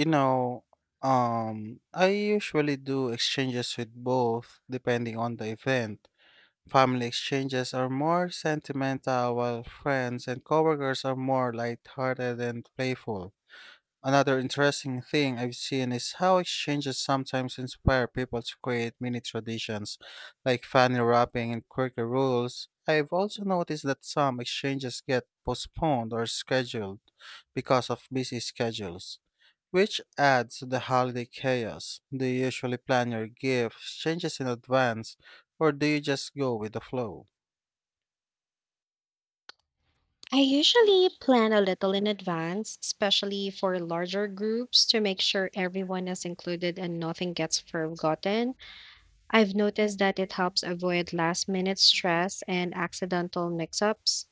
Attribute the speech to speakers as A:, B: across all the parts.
A: You know, I usually do exchanges with both, depending on the event. Family exchanges are more sentimental, while friends and coworkers are more lighthearted and playful. Another interesting thing I've seen is how exchanges sometimes inspire people to create mini traditions, like funny wrapping and quirky rules. I've also noticed that some exchanges get postponed or scheduled because of busy schedules, which adds to the holiday chaos. Do you usually plan your gifts, changes in advance, or do you just go with the flow?
B: I usually plan a little in advance, especially for larger groups, to make sure everyone is included and nothing gets forgotten. I've noticed that it helps avoid last minute stress and accidental mix ups.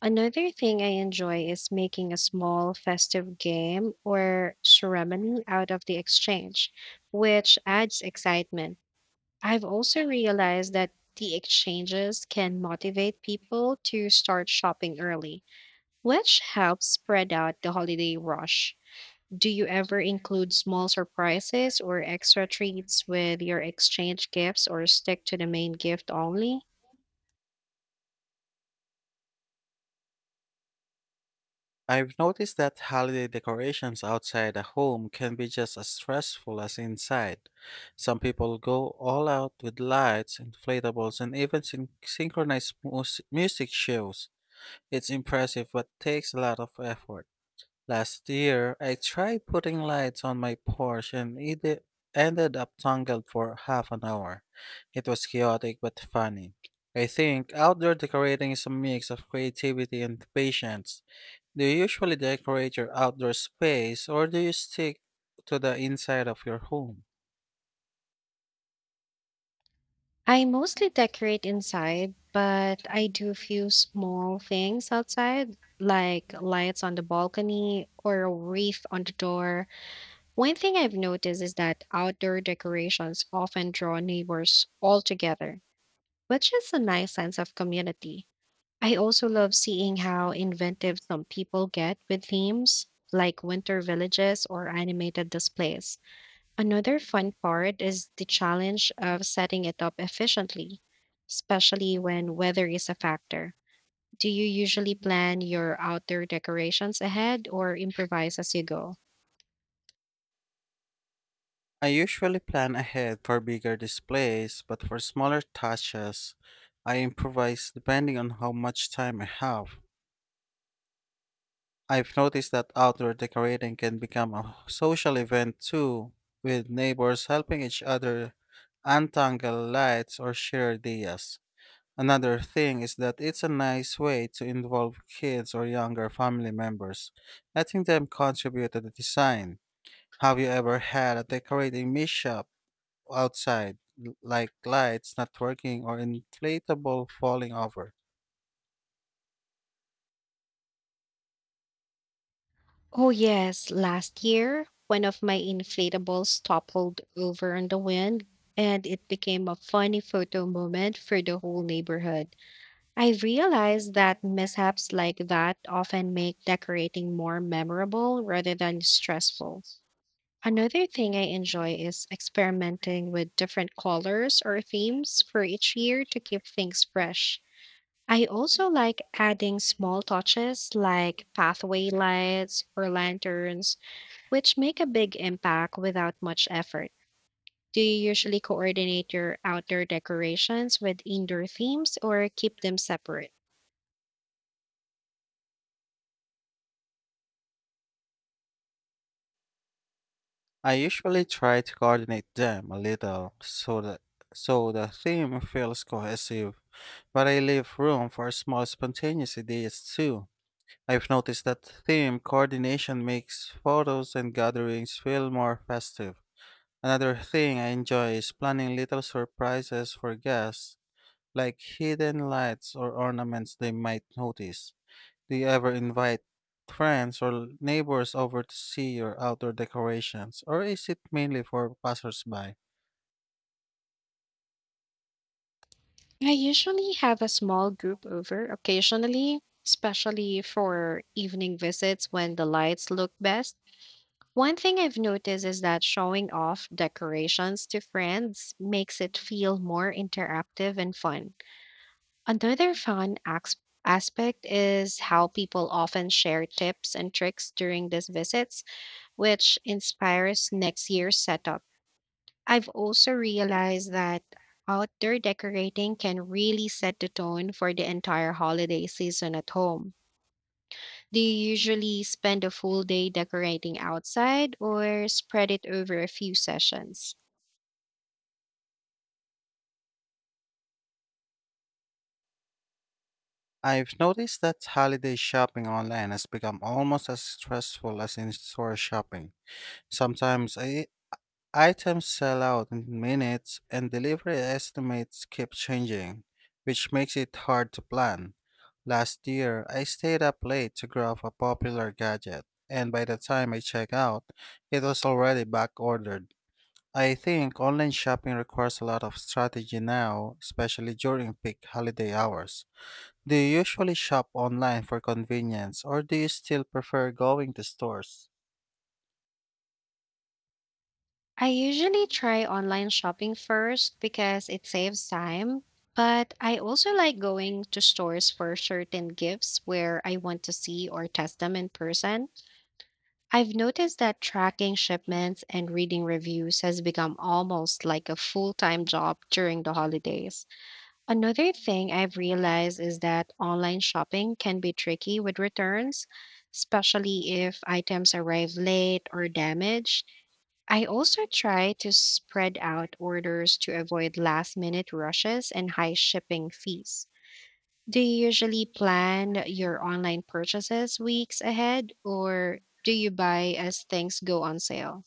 B: Another thing I enjoy is making a small festive game or ceremony out of the exchange, which adds excitement. I've also realized that the exchanges can motivate people to start shopping early which helps spread out the holiday rush. Do you ever include small surprises or extra treats with your exchange gifts or stick to the main gift only?
A: I've noticed that holiday decorations outside a home can be just as stressful as inside. Some people go all out with lights, inflatables, and even synchronized music shows. It's impressive but takes a lot of effort. Last year, I tried putting lights on my Porsche, and it ended up tangled for half an hour. It was chaotic but funny. I think outdoor decorating is a mix of creativity and patience. Do you usually decorate your outdoor space, or do you stick to the inside of your home?
B: I mostly decorate inside, but I do a few small things outside, like lights on the balcony or a wreath on the door. One thing I've noticed is that outdoor decorations often draw neighbors all together, which is a nice sense of community. I also love seeing how inventive some people get with themes like winter villages or animated displays. Another fun part is the challenge of setting it up efficiently, especially when weather is a factor. Do you usually plan your outdoor decorations ahead or improvise as you go?
A: I usually plan ahead for bigger displays, but for smaller touches, I improvise depending on how much time I have. I've noticed that outdoor decorating can become a social event too, with neighbors helping each other untangle lights or share ideas. Another thing is that it's a nice way to involve kids or younger family members, letting them contribute to the design. Have you ever had a decorating mishap outside, like lights not working or inflatable falling over?
B: Oh, yes. Last year, one of my inflatables toppled over in the wind, and it became a funny photo moment for the whole neighborhood. I realized that mishaps like that often make decorating more memorable rather than stressful. Another thing I enjoy is experimenting with different colors or themes for each year to keep things fresh. I also like adding small touches like pathway lights or lanterns, which make a big impact without much effort. Do you usually coordinate your outdoor decorations with indoor themes or keep them separate?
A: I usually try to coordinate them a little so the theme feels cohesive, but I leave room for small spontaneous ideas too. I've noticed that theme coordination makes photos and gatherings feel more festive. Another thing I enjoy is planning little surprises for guests, like hidden lights or ornaments they might notice. Do you ever invite friends or neighbors over to see your outdoor decorations, or is it mainly for passersby?
B: I usually have a small group over occasionally, especially for evening visits when the lights look best. One thing I've noticed is that showing off decorations to friends makes it feel more interactive and fun. Another fun aspect is how people often share tips and tricks during these visits, which inspires next year's setup. I've also realized that outdoor decorating can really set the tone for the entire holiday season at home. Do you usually spend a full day decorating outside or spread it over a few sessions?
A: I've noticed that holiday shopping online has become almost as stressful as in store shopping. Sometimes items sell out in minutes and delivery estimates keep changing, which makes it hard to plan. Last year, I stayed up late to grab a popular gadget, and by the time I check out, it was already back ordered. I think online shopping requires a lot of strategy now, especially during peak holiday hours. Do you usually shop online for convenience, or do you still prefer going to stores?
B: I usually try online shopping first because it saves time, but I also like going to stores for certain gifts where I want to see or test them in person. I've noticed that tracking shipments and reading reviews has become almost like a full time job during the holidays. Another thing I've realized is that online shopping can be tricky with returns, especially if items arrive late or damaged. I also try to spread out orders to avoid last minute rushes and high shipping fees. Do you usually plan your online purchases weeks ahead or do you buy as things go on sale?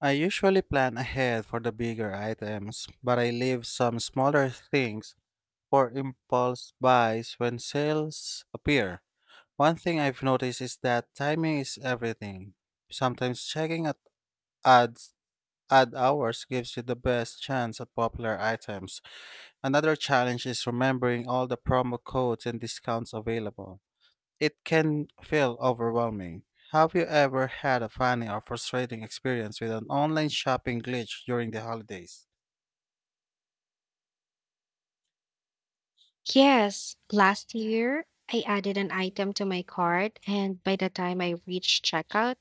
A: I usually plan ahead for the bigger items, but I leave some smaller things for impulse buys when sales appear. One thing I've noticed is that timing is everything. Sometimes checking at ads ad hours gives you the best chance at popular items. Another challenge is remembering all the promo codes and discounts available. It can feel overwhelming. Have you ever had a funny or frustrating experience with an online shopping glitch during the holidays?
B: Yes, last year I added an item to my cart, and by the time I reached checkout,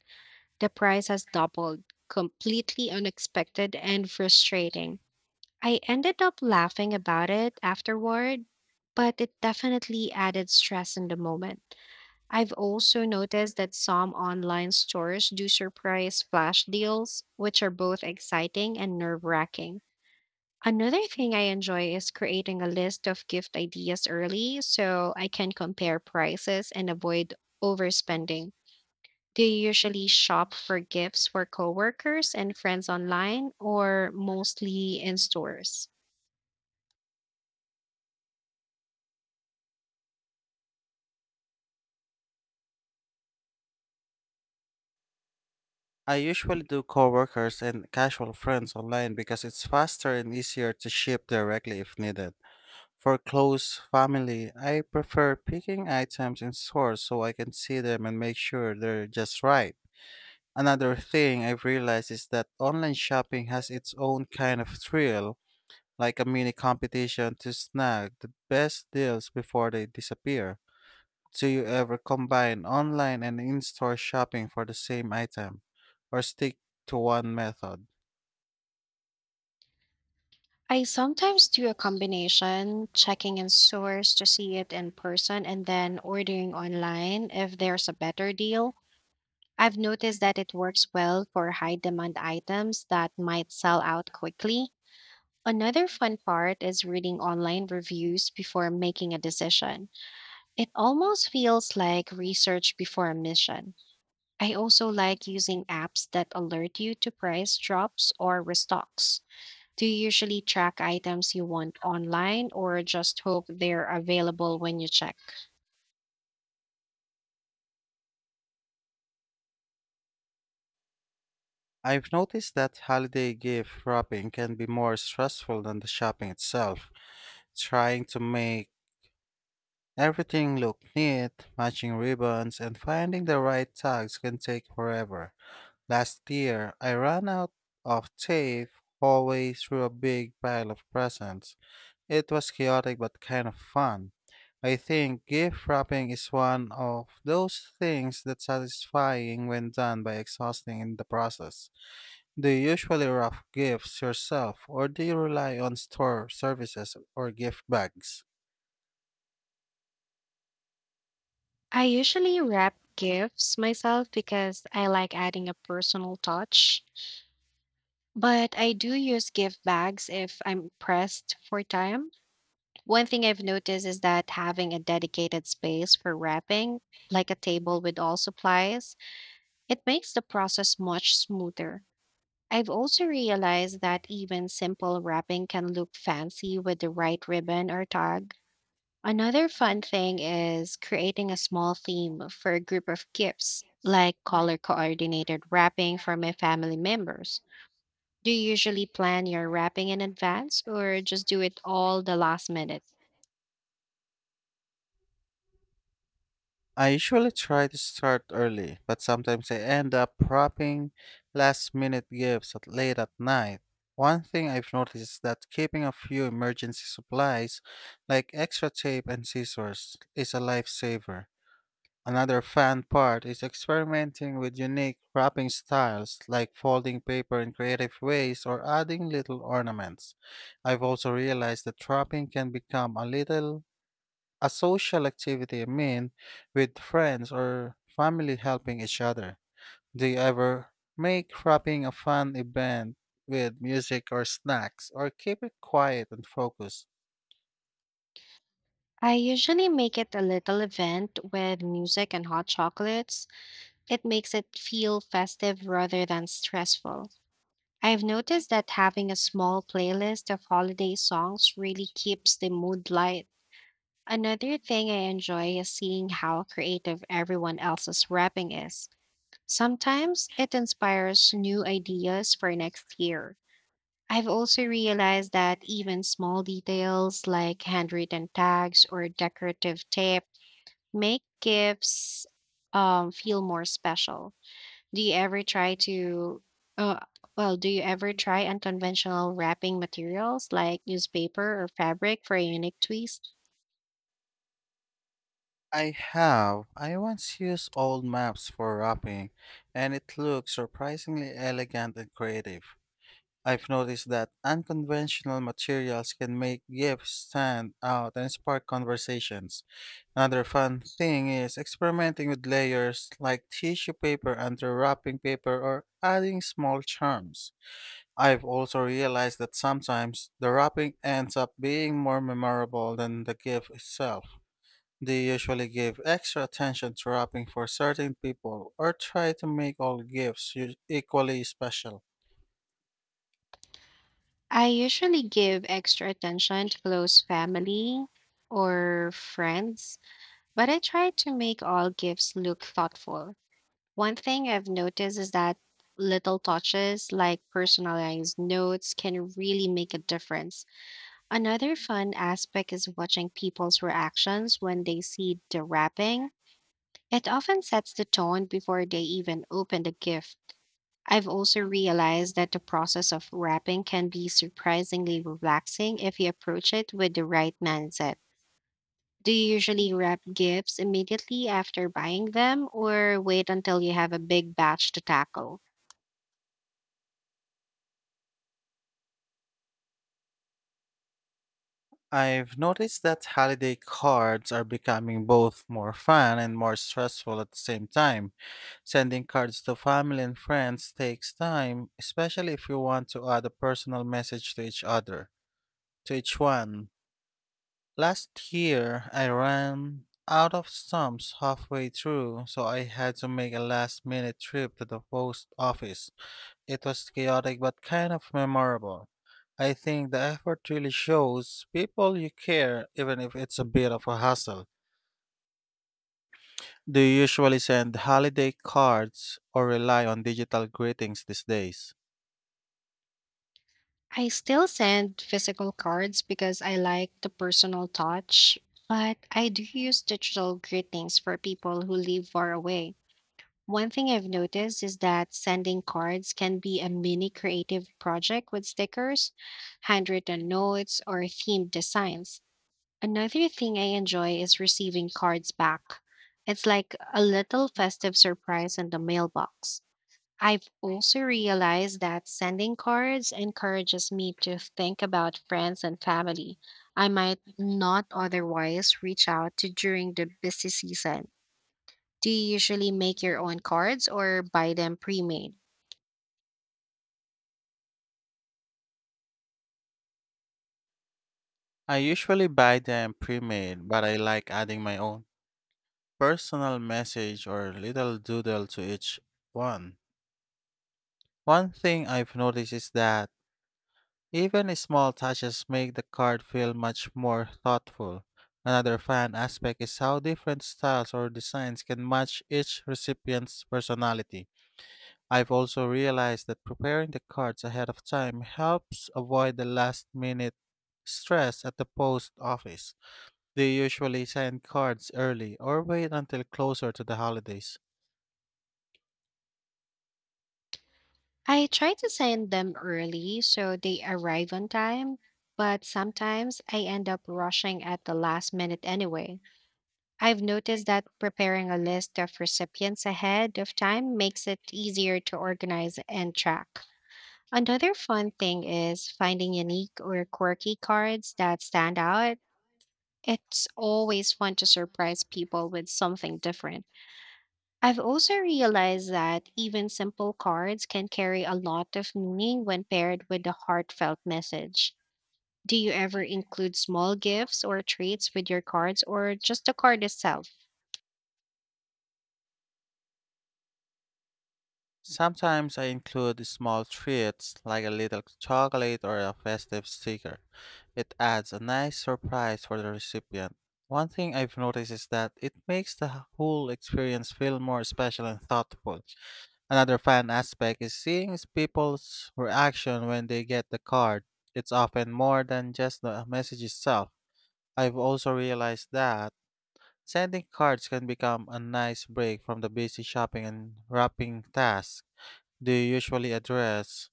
B: the price has doubled. Completely unexpected and frustrating. I ended up laughing about it afterward, but it definitely added stress in the moment. I've also noticed that some online stores do surprise flash deals, which are both exciting and nerve wracking. Another thing I enjoy is creating a list of gift ideas early so I can compare prices and avoid overspending. Do you usually shop for gifts for coworkers and friends online or mostly in stores?
A: I usually do coworkers and casual friends online, because it's faster and easier to ship directly if needed. For close family, I prefer picking items in stores so I can see them and make sure they're just right. Another thing I've realized is that online shopping has its own kind of thrill, like a mini competition to snag the best deals before they disappear. Do you ever combine online and in store shopping for the same item, or stick to one method?
B: I sometimes do a combination, checking in stores to see it in person and then ordering online if there's a better deal. I've noticed that it works well for high demand items that might sell out quickly. Another fun part is reading online reviews before making a decision. It almost feels like research before a mission. I also like using apps that alert you to price drops or restocks. Do you usually track items you want online or just hope they're available when you check?
A: I've noticed that holiday gift wrapping can be more stressful than the shopping itself. Trying to make Everything look neat, matching ribbons, and finding the right tags can take forever. Last year, I ran out of tape halfway through a big pile of presents. It was chaotic but kind of fun. I think gift wrapping is one of those things that's satisfying when done by exhausting in the process. Do you usually wrap gifts yourself, or do you rely on store services or gift bags?
B: I usually wrap gifts myself because I like adding a personal touch, but I do use gift bags if I'm pressed for time. One thing I've noticed is that having a dedicated space for wrapping, like a table with all supplies, it makes the process much smoother. I've also realized that even simple wrapping can look fancy with the right ribbon or tag. Another fun thing is creating a small theme for a group of gifts, like color coordinated wrapping for my family members. Do you usually plan your wrapping in advance or just do it all the last minute?
A: I usually try to start early, but sometimes I end up prepping last minute gifts at late at night. One thing I've noticed is that keeping a few emergency supplies, like extra tape and scissors, is a lifesaver. Another fun part is experimenting with unique wrapping styles, like folding paper in creative ways or adding little ornaments. I've also realized that wrapping can become a social activity, I mean, with friends or family helping each other. Do you ever make wrapping a fun event with music or snacks, or keep it quiet and focused?
B: I usually make it a little event with music and hot chocolates. It makes it feel festive rather than stressful. I've noticed that having a small playlist of holiday songs really keeps the mood light. Another thing I enjoy is seeing how creative everyone else's wrapping is. Sometimes it inspires new ideas for next year. I've also realized that even small details like handwritten tags or decorative tape make gifts, feel more special. Do you ever try to, uh, well, do you ever try unconventional wrapping materials like newspaper or fabric for a unique twist?
A: I have. I once used old maps for wrapping, and it looked surprisingly elegant and creative. I've noticed that unconventional materials can make gifts stand out and spark conversations. Another fun thing is experimenting with layers, like tissue paper under wrapping paper or adding small charms. I've also realized that sometimes the wrapping ends up being more memorable than the gift itself. They usually give extra attention to wrapping for certain people, or try to make all gifts equally special.
B: I usually give extra attention to close family or friends, but I try to make all gifts look thoughtful. One thing I've noticed is that little touches like personalized notes can really make a difference. Another fun aspect is watching people's reactions when they see the wrapping. It often sets the tone before they even open the gift. I've also realized that the process of wrapping can be surprisingly relaxing if you approach it with the right mindset. Do you usually wrap gifts immediately after buying them or wait until you have a big batch to tackle?
A: I've noticed that holiday cards are becoming both more fun and more stressful at the same time. Sending cards to family and friends takes time, especially if you want to add a personal message to each one. Last year, I ran out of stamps halfway through, so I had to make a last minute trip to the post office. It was chaotic but kind of memorable. I think the effort really shows people you care, even if it's a bit of a hassle. Do you usually send holiday cards, or rely on digital greetings these days?
B: I still send physical cards because I like the personal touch, but I do use digital greetings for people who live far away. One thing I've noticed is that sending cards can be a mini creative project with stickers, handwritten notes, or themed designs. Another thing I enjoy is receiving cards back. It's like a little festive surprise in the mailbox. I've also realized that sending cards encourages me to think about friends and family I might not otherwise reach out to during the busy season. Do you usually make your own cards or buy them pre made?
A: I usually buy them pre-made, but I like adding my own personal message or little doodle to each one. One thing I've noticed is that even small touches make the card feel much more thoughtful. Another fun aspect is how different styles or designs can match each recipient's personality. I've also realized that preparing the cards ahead of time helps avoid the last minute stress at the post office. They usually send cards early or wait until closer to the holidays.
B: I try to send them early so they arrive on time, but sometimes I end up rushing at the last minute anyway. I've noticed that preparing a list of recipients ahead of time makes it easier to organize and track. Another fun thing is finding unique or quirky cards that stand out. It's always fun to surprise people with something different. I've also realized that even simple cards can carry a lot of meaning when paired with a heartfelt message. Do you ever include small gifts or treats with your cards or just the card itself?
A: Sometimes I include small treats like a little chocolate or a festive sticker. It adds a nice surprise for the recipient. One thing I've noticed is that it makes the whole experience feel more special and thoughtful. Another fun aspect is seeing is people's reaction when they get the card. It's often more than just the message itself. I've also realized that sending cards can become a nice break from the busy shopping and wrapping tasks. Do you usually address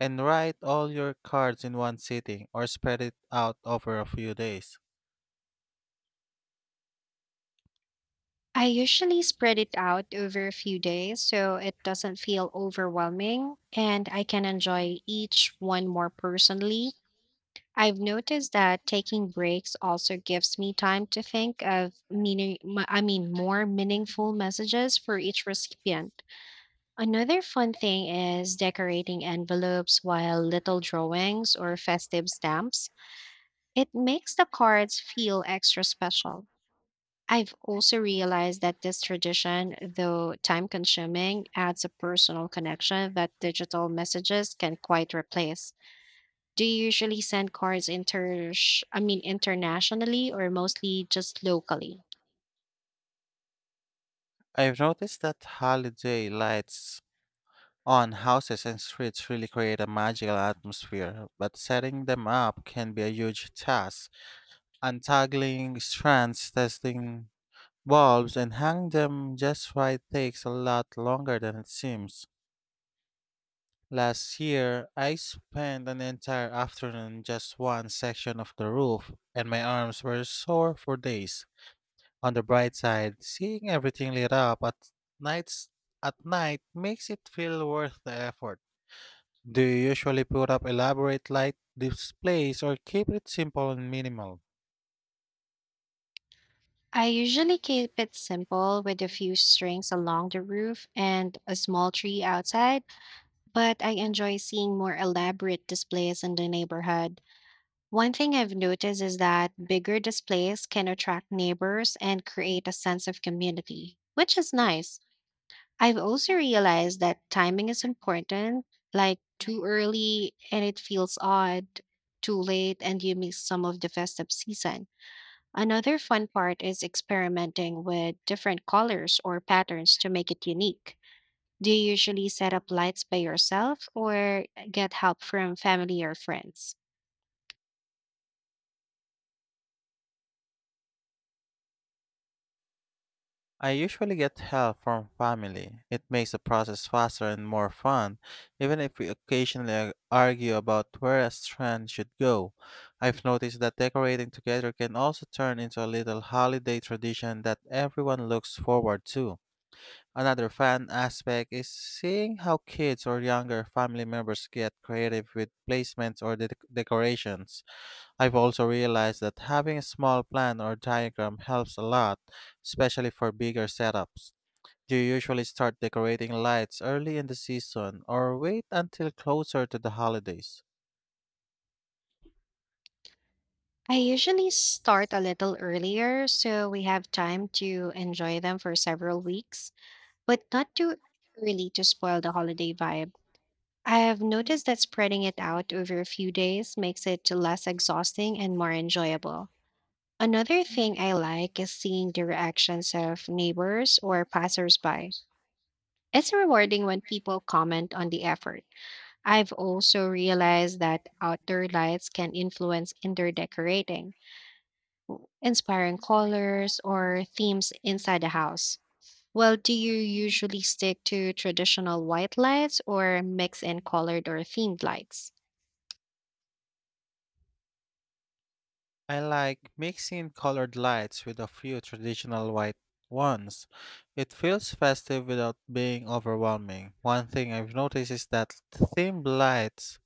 A: and write all your cards in one sitting, or spread it out over a few days?
B: I usually spread it out over a few days so it doesn't feel overwhelming and I can enjoy each one more personally. I've noticed that taking breaks also gives me time to think of meaning, m- I mean, more meaningful messages for each recipient. Another fun thing is decorating envelopes while little drawings or festive stamps. It makes the cards feel extra special. I've also realized that this tradition, though time consuming, adds a personal connection that digital messages can quite replace. Do you usually send cards inter I mean internationally or mostly just locally?
A: I've noticed that holiday lights on houses and streets really create a magical atmosphere, but setting them up can be a huge task. Untangling strands, testing bulbs, and hanging them just right takes a lot longer than it seems. Last year, I spent an entire afternoon just one section of the roof, and my arms were sore for days. On the bright side, seeing everything lit up nights at night makes it feel worth the effort. Do you usually put up elaborate light displays, or keep it simple and minimal?
B: I usually keep it simple with a few strings along the roof and a small tree outside but I enjoy seeing more elaborate displays in the neighborhood. One thing I've noticed is that bigger displays can attract neighbors and create a sense of community, which is nice. I've also realized that timing is important, like too early and it feels odd, too late and you miss some of the festive season. Another fun part is experimenting with different colors or patterns to make it unique. Do you usually set up lights by yourself or get help from family or friends?
A: I usually get help from family. It makes the process faster and more fun, even if we occasionally argue about where a strand should go. I've noticed that decorating together can also turn into a little holiday tradition that everyone looks forward to. Another fun aspect is seeing how kids or younger family members get creative with placements or decorations. I've also realized that having a small plan or diagram helps a lot, especially for bigger setups. Do you usually start decorating lights early in the season, or wait until closer to the holidays?
B: I usually start a little earlier so we have time to enjoy them for several weeks, but not too early to spoil the holiday vibe. I have noticed that spreading it out over a few days makes it less exhausting and more enjoyable. Another thing I like is seeing the reactions of neighbors or passersby. It's rewarding when people comment on the effort. I've also realized that outdoor lights can influence indoor decorating, inspiring colors or themes inside the house. Well, do you usually stick to traditional white lights or mix in colored or themed lights?
A: I like mixing colored lights with a few traditional white ones. It feels festive without being overwhelming. One thing I've noticed is that themed lights,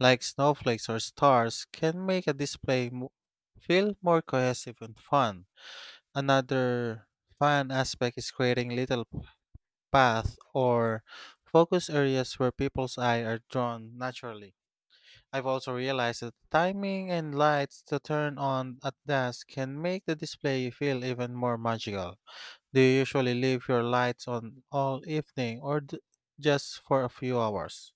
A: like snowflakes or stars, can make a display feel more cohesive and fun. Another fun aspect is creating little paths or focus areas where people's eye are drawn naturally. I've also realized that timing and lights to turn on at dusk can make the display feel even more magical. Do you usually leave your lights on all evening, or just for a few hours?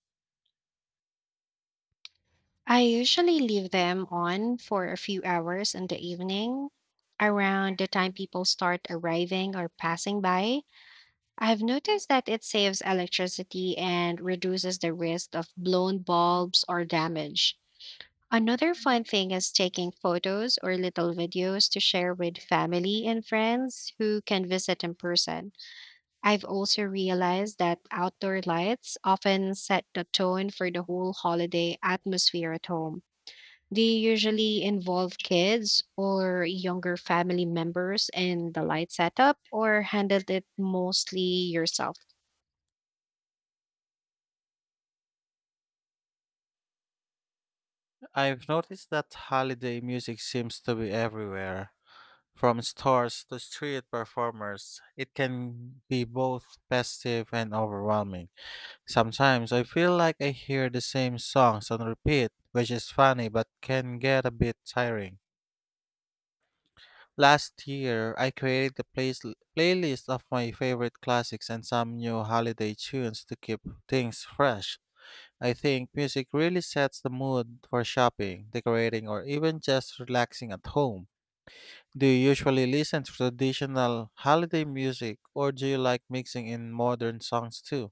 B: I usually leave them on for a few hours in the evening. Around the time people start arriving or passing by, I've noticed that it saves electricity and reduces the risk of blown bulbs or damage. Another fun thing is taking photos or little videos to share with family and friends who can visit in person. I've also realized that outdoor lights often set the tone for the whole holiday atmosphere at home. They usually involve kids or younger family members in the light setup, or handled it mostly yourself?
A: I've noticed that holiday music seems to be everywhere. From stores to street performers, it can be both festive and overwhelming. Sometimes I feel like I hear the same songs on repeat, which is funny but can get a bit tiring. Last year, I created a playlist of my favorite classics and some new holiday tunes to keep things fresh. I think music really sets the mood for shopping, decorating, or even just relaxing at home. Do you usually listen to traditional holiday music, or do you like mixing in modern songs too?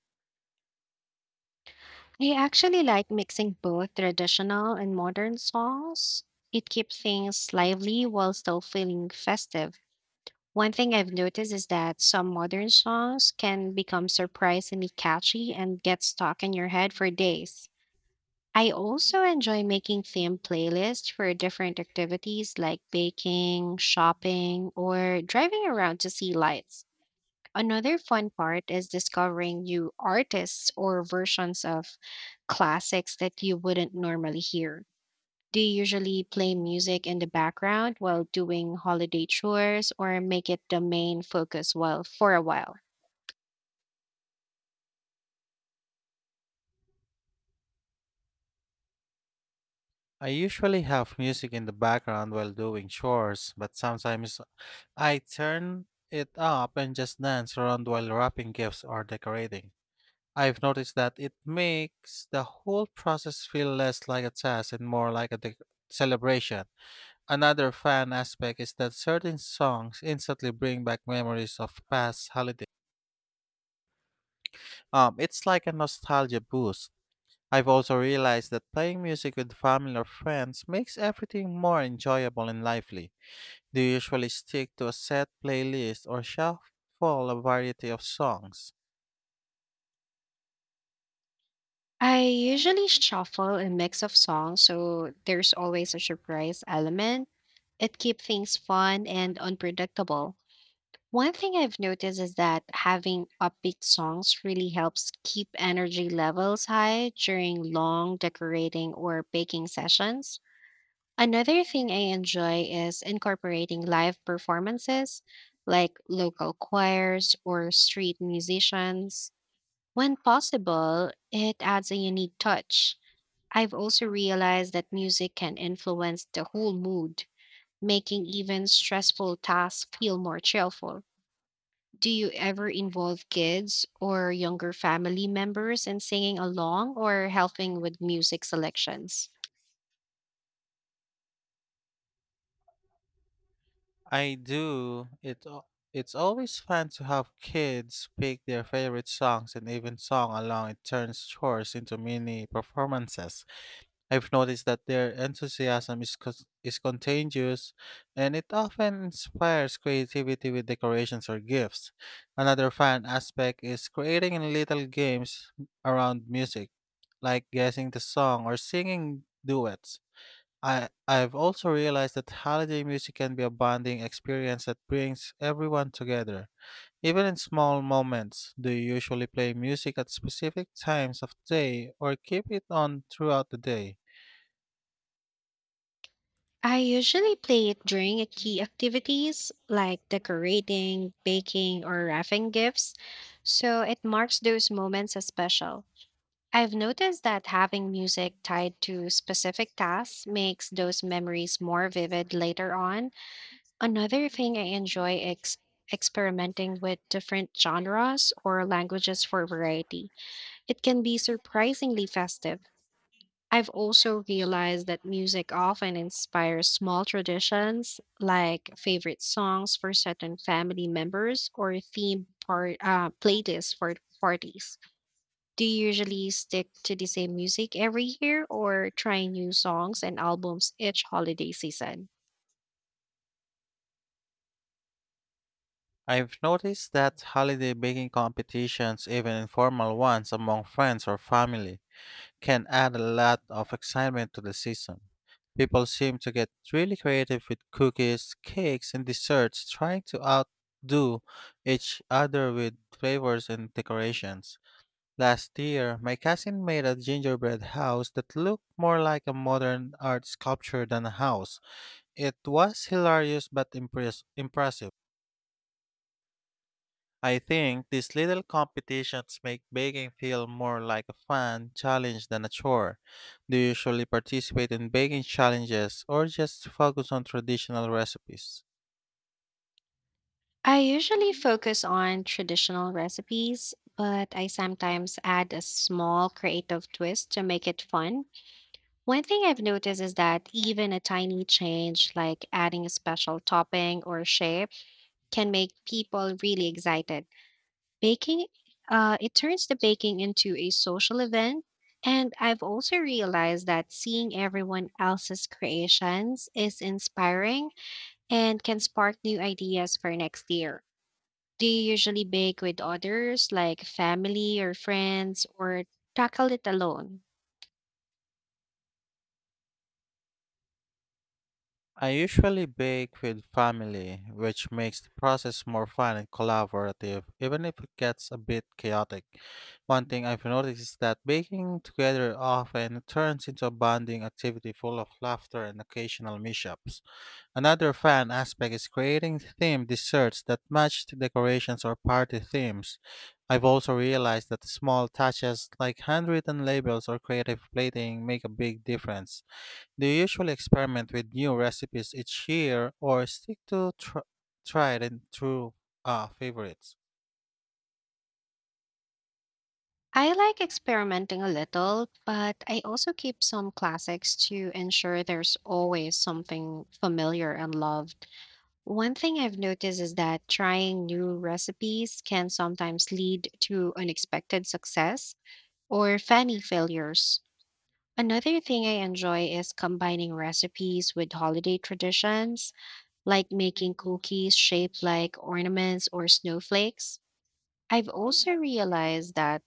B: I actually like mixing both traditional and modern songs. It keeps things lively while still feeling festive. One thing I've noticed is that some modern songs can become surprisingly catchy and get stuck in your head for days. I also enjoy making theme playlists for different activities like baking, shopping, or driving around to see lights. Another fun part is discovering new artists or versions of classics that you wouldn't normally hear. Do you usually play music in the background while doing holiday chores or make it the main focus while for a while?
A: I usually have music in the background while doing chores, but sometimes I turn it up and just dance around while wrapping gifts or decorating. I've noticed that it makes the whole process feel less like a task and more like a dec celebration. Another fun aspect is that certain songs instantly bring back memories of past holidays. It's like a nostalgia boost. I've also realized that playing music with family or friends makes everything more enjoyable and lively. Do you usually stick to a set playlist, or shuffle a variety of songs?
B: I usually shuffle a mix of songs, so there's always a surprise element. It keeps things fun and unpredictable. One thing I've noticed is that having upbeat songs really helps keep energy levels high during long decorating or baking sessions. Another thing I enjoy is incorporating live performances like local choirs or street musicians. When possible, it adds a unique touch. I've also realized that music can influence the whole mood, making even stressful tasks feel more cheerful. Do you ever involve kids or younger family members in singing along or helping with music selections?
A: I do. It's always fun to have kids pick their favorite songs and even song along. It turns chores into mini performances. I've noticed that their enthusiasm is contagious, and it often inspires creativity with decorations or gifts. Another fun aspect is creating little games around music, like guessing the song or singing duets. I've also realized that holiday music can be a bonding experience that brings everyone together, even in small moments. Do you usually play music at specific times of day, or keep it on throughout the day?
B: I usually play it during a key activities like decorating, baking, or wrapping gifts, so it marks those moments as special. I've noticed that having music tied to specific tasks makes those memories more vivid later on. Another thing I enjoy is experimenting with different genres or languages for variety. It can be surprisingly festive. I've also realized that music often inspires small traditions like favorite songs for certain family members or theme part playlists for parties. Do you usually stick to the same music every year or try new songs and albums each holiday season?
A: I've noticed that holiday baking competitions, even informal ones among friends or family, can add a lot of excitement to the season. People seem to get really creative with cookies, cakes, and desserts, trying to outdo each other with flavors and decorations. Last year, my cousin made a gingerbread house that looked more like a modern art sculpture than a house. It was hilarious but impressive. I think these little competitions make baking feel more like a fun challenge than a chore. Do you usually participate in baking challenges, or just focus on traditional recipes?
B: I usually focus on traditional recipes, but I sometimes add a small creative twist to make it fun. One thing I've noticed is that even a tiny change, like adding a special topping or shape, can make people really excited. Baking, it turns the baking into a social event. And I've also realized that seeing everyone else's creations is inspiring and can spark new ideas for next year. Do you usually bake with others, like family or friends, or tackle it alone?
A: I usually bake with family, which makes the process more fun and collaborative, even if it gets a bit chaotic. One thing I've noticed is that baking together often turns into a bonding activity full of laughter and occasional mishaps. Another fun aspect is creating themed desserts that match the decorations or party themes. I've also realized that small touches like handwritten labels or creative plating make a big difference. Do you usually experiment with new recipes each year, or stick to tried and true, favorites?
B: I like experimenting a little, but I also keep some classics to ensure there's always something familiar and loved. One thing I've noticed is that trying new recipes can sometimes lead to unexpected success or funny failures. Another thing I enjoy is combining recipes with holiday traditions like making cookies shaped like ornaments or snowflakes. I've also realized that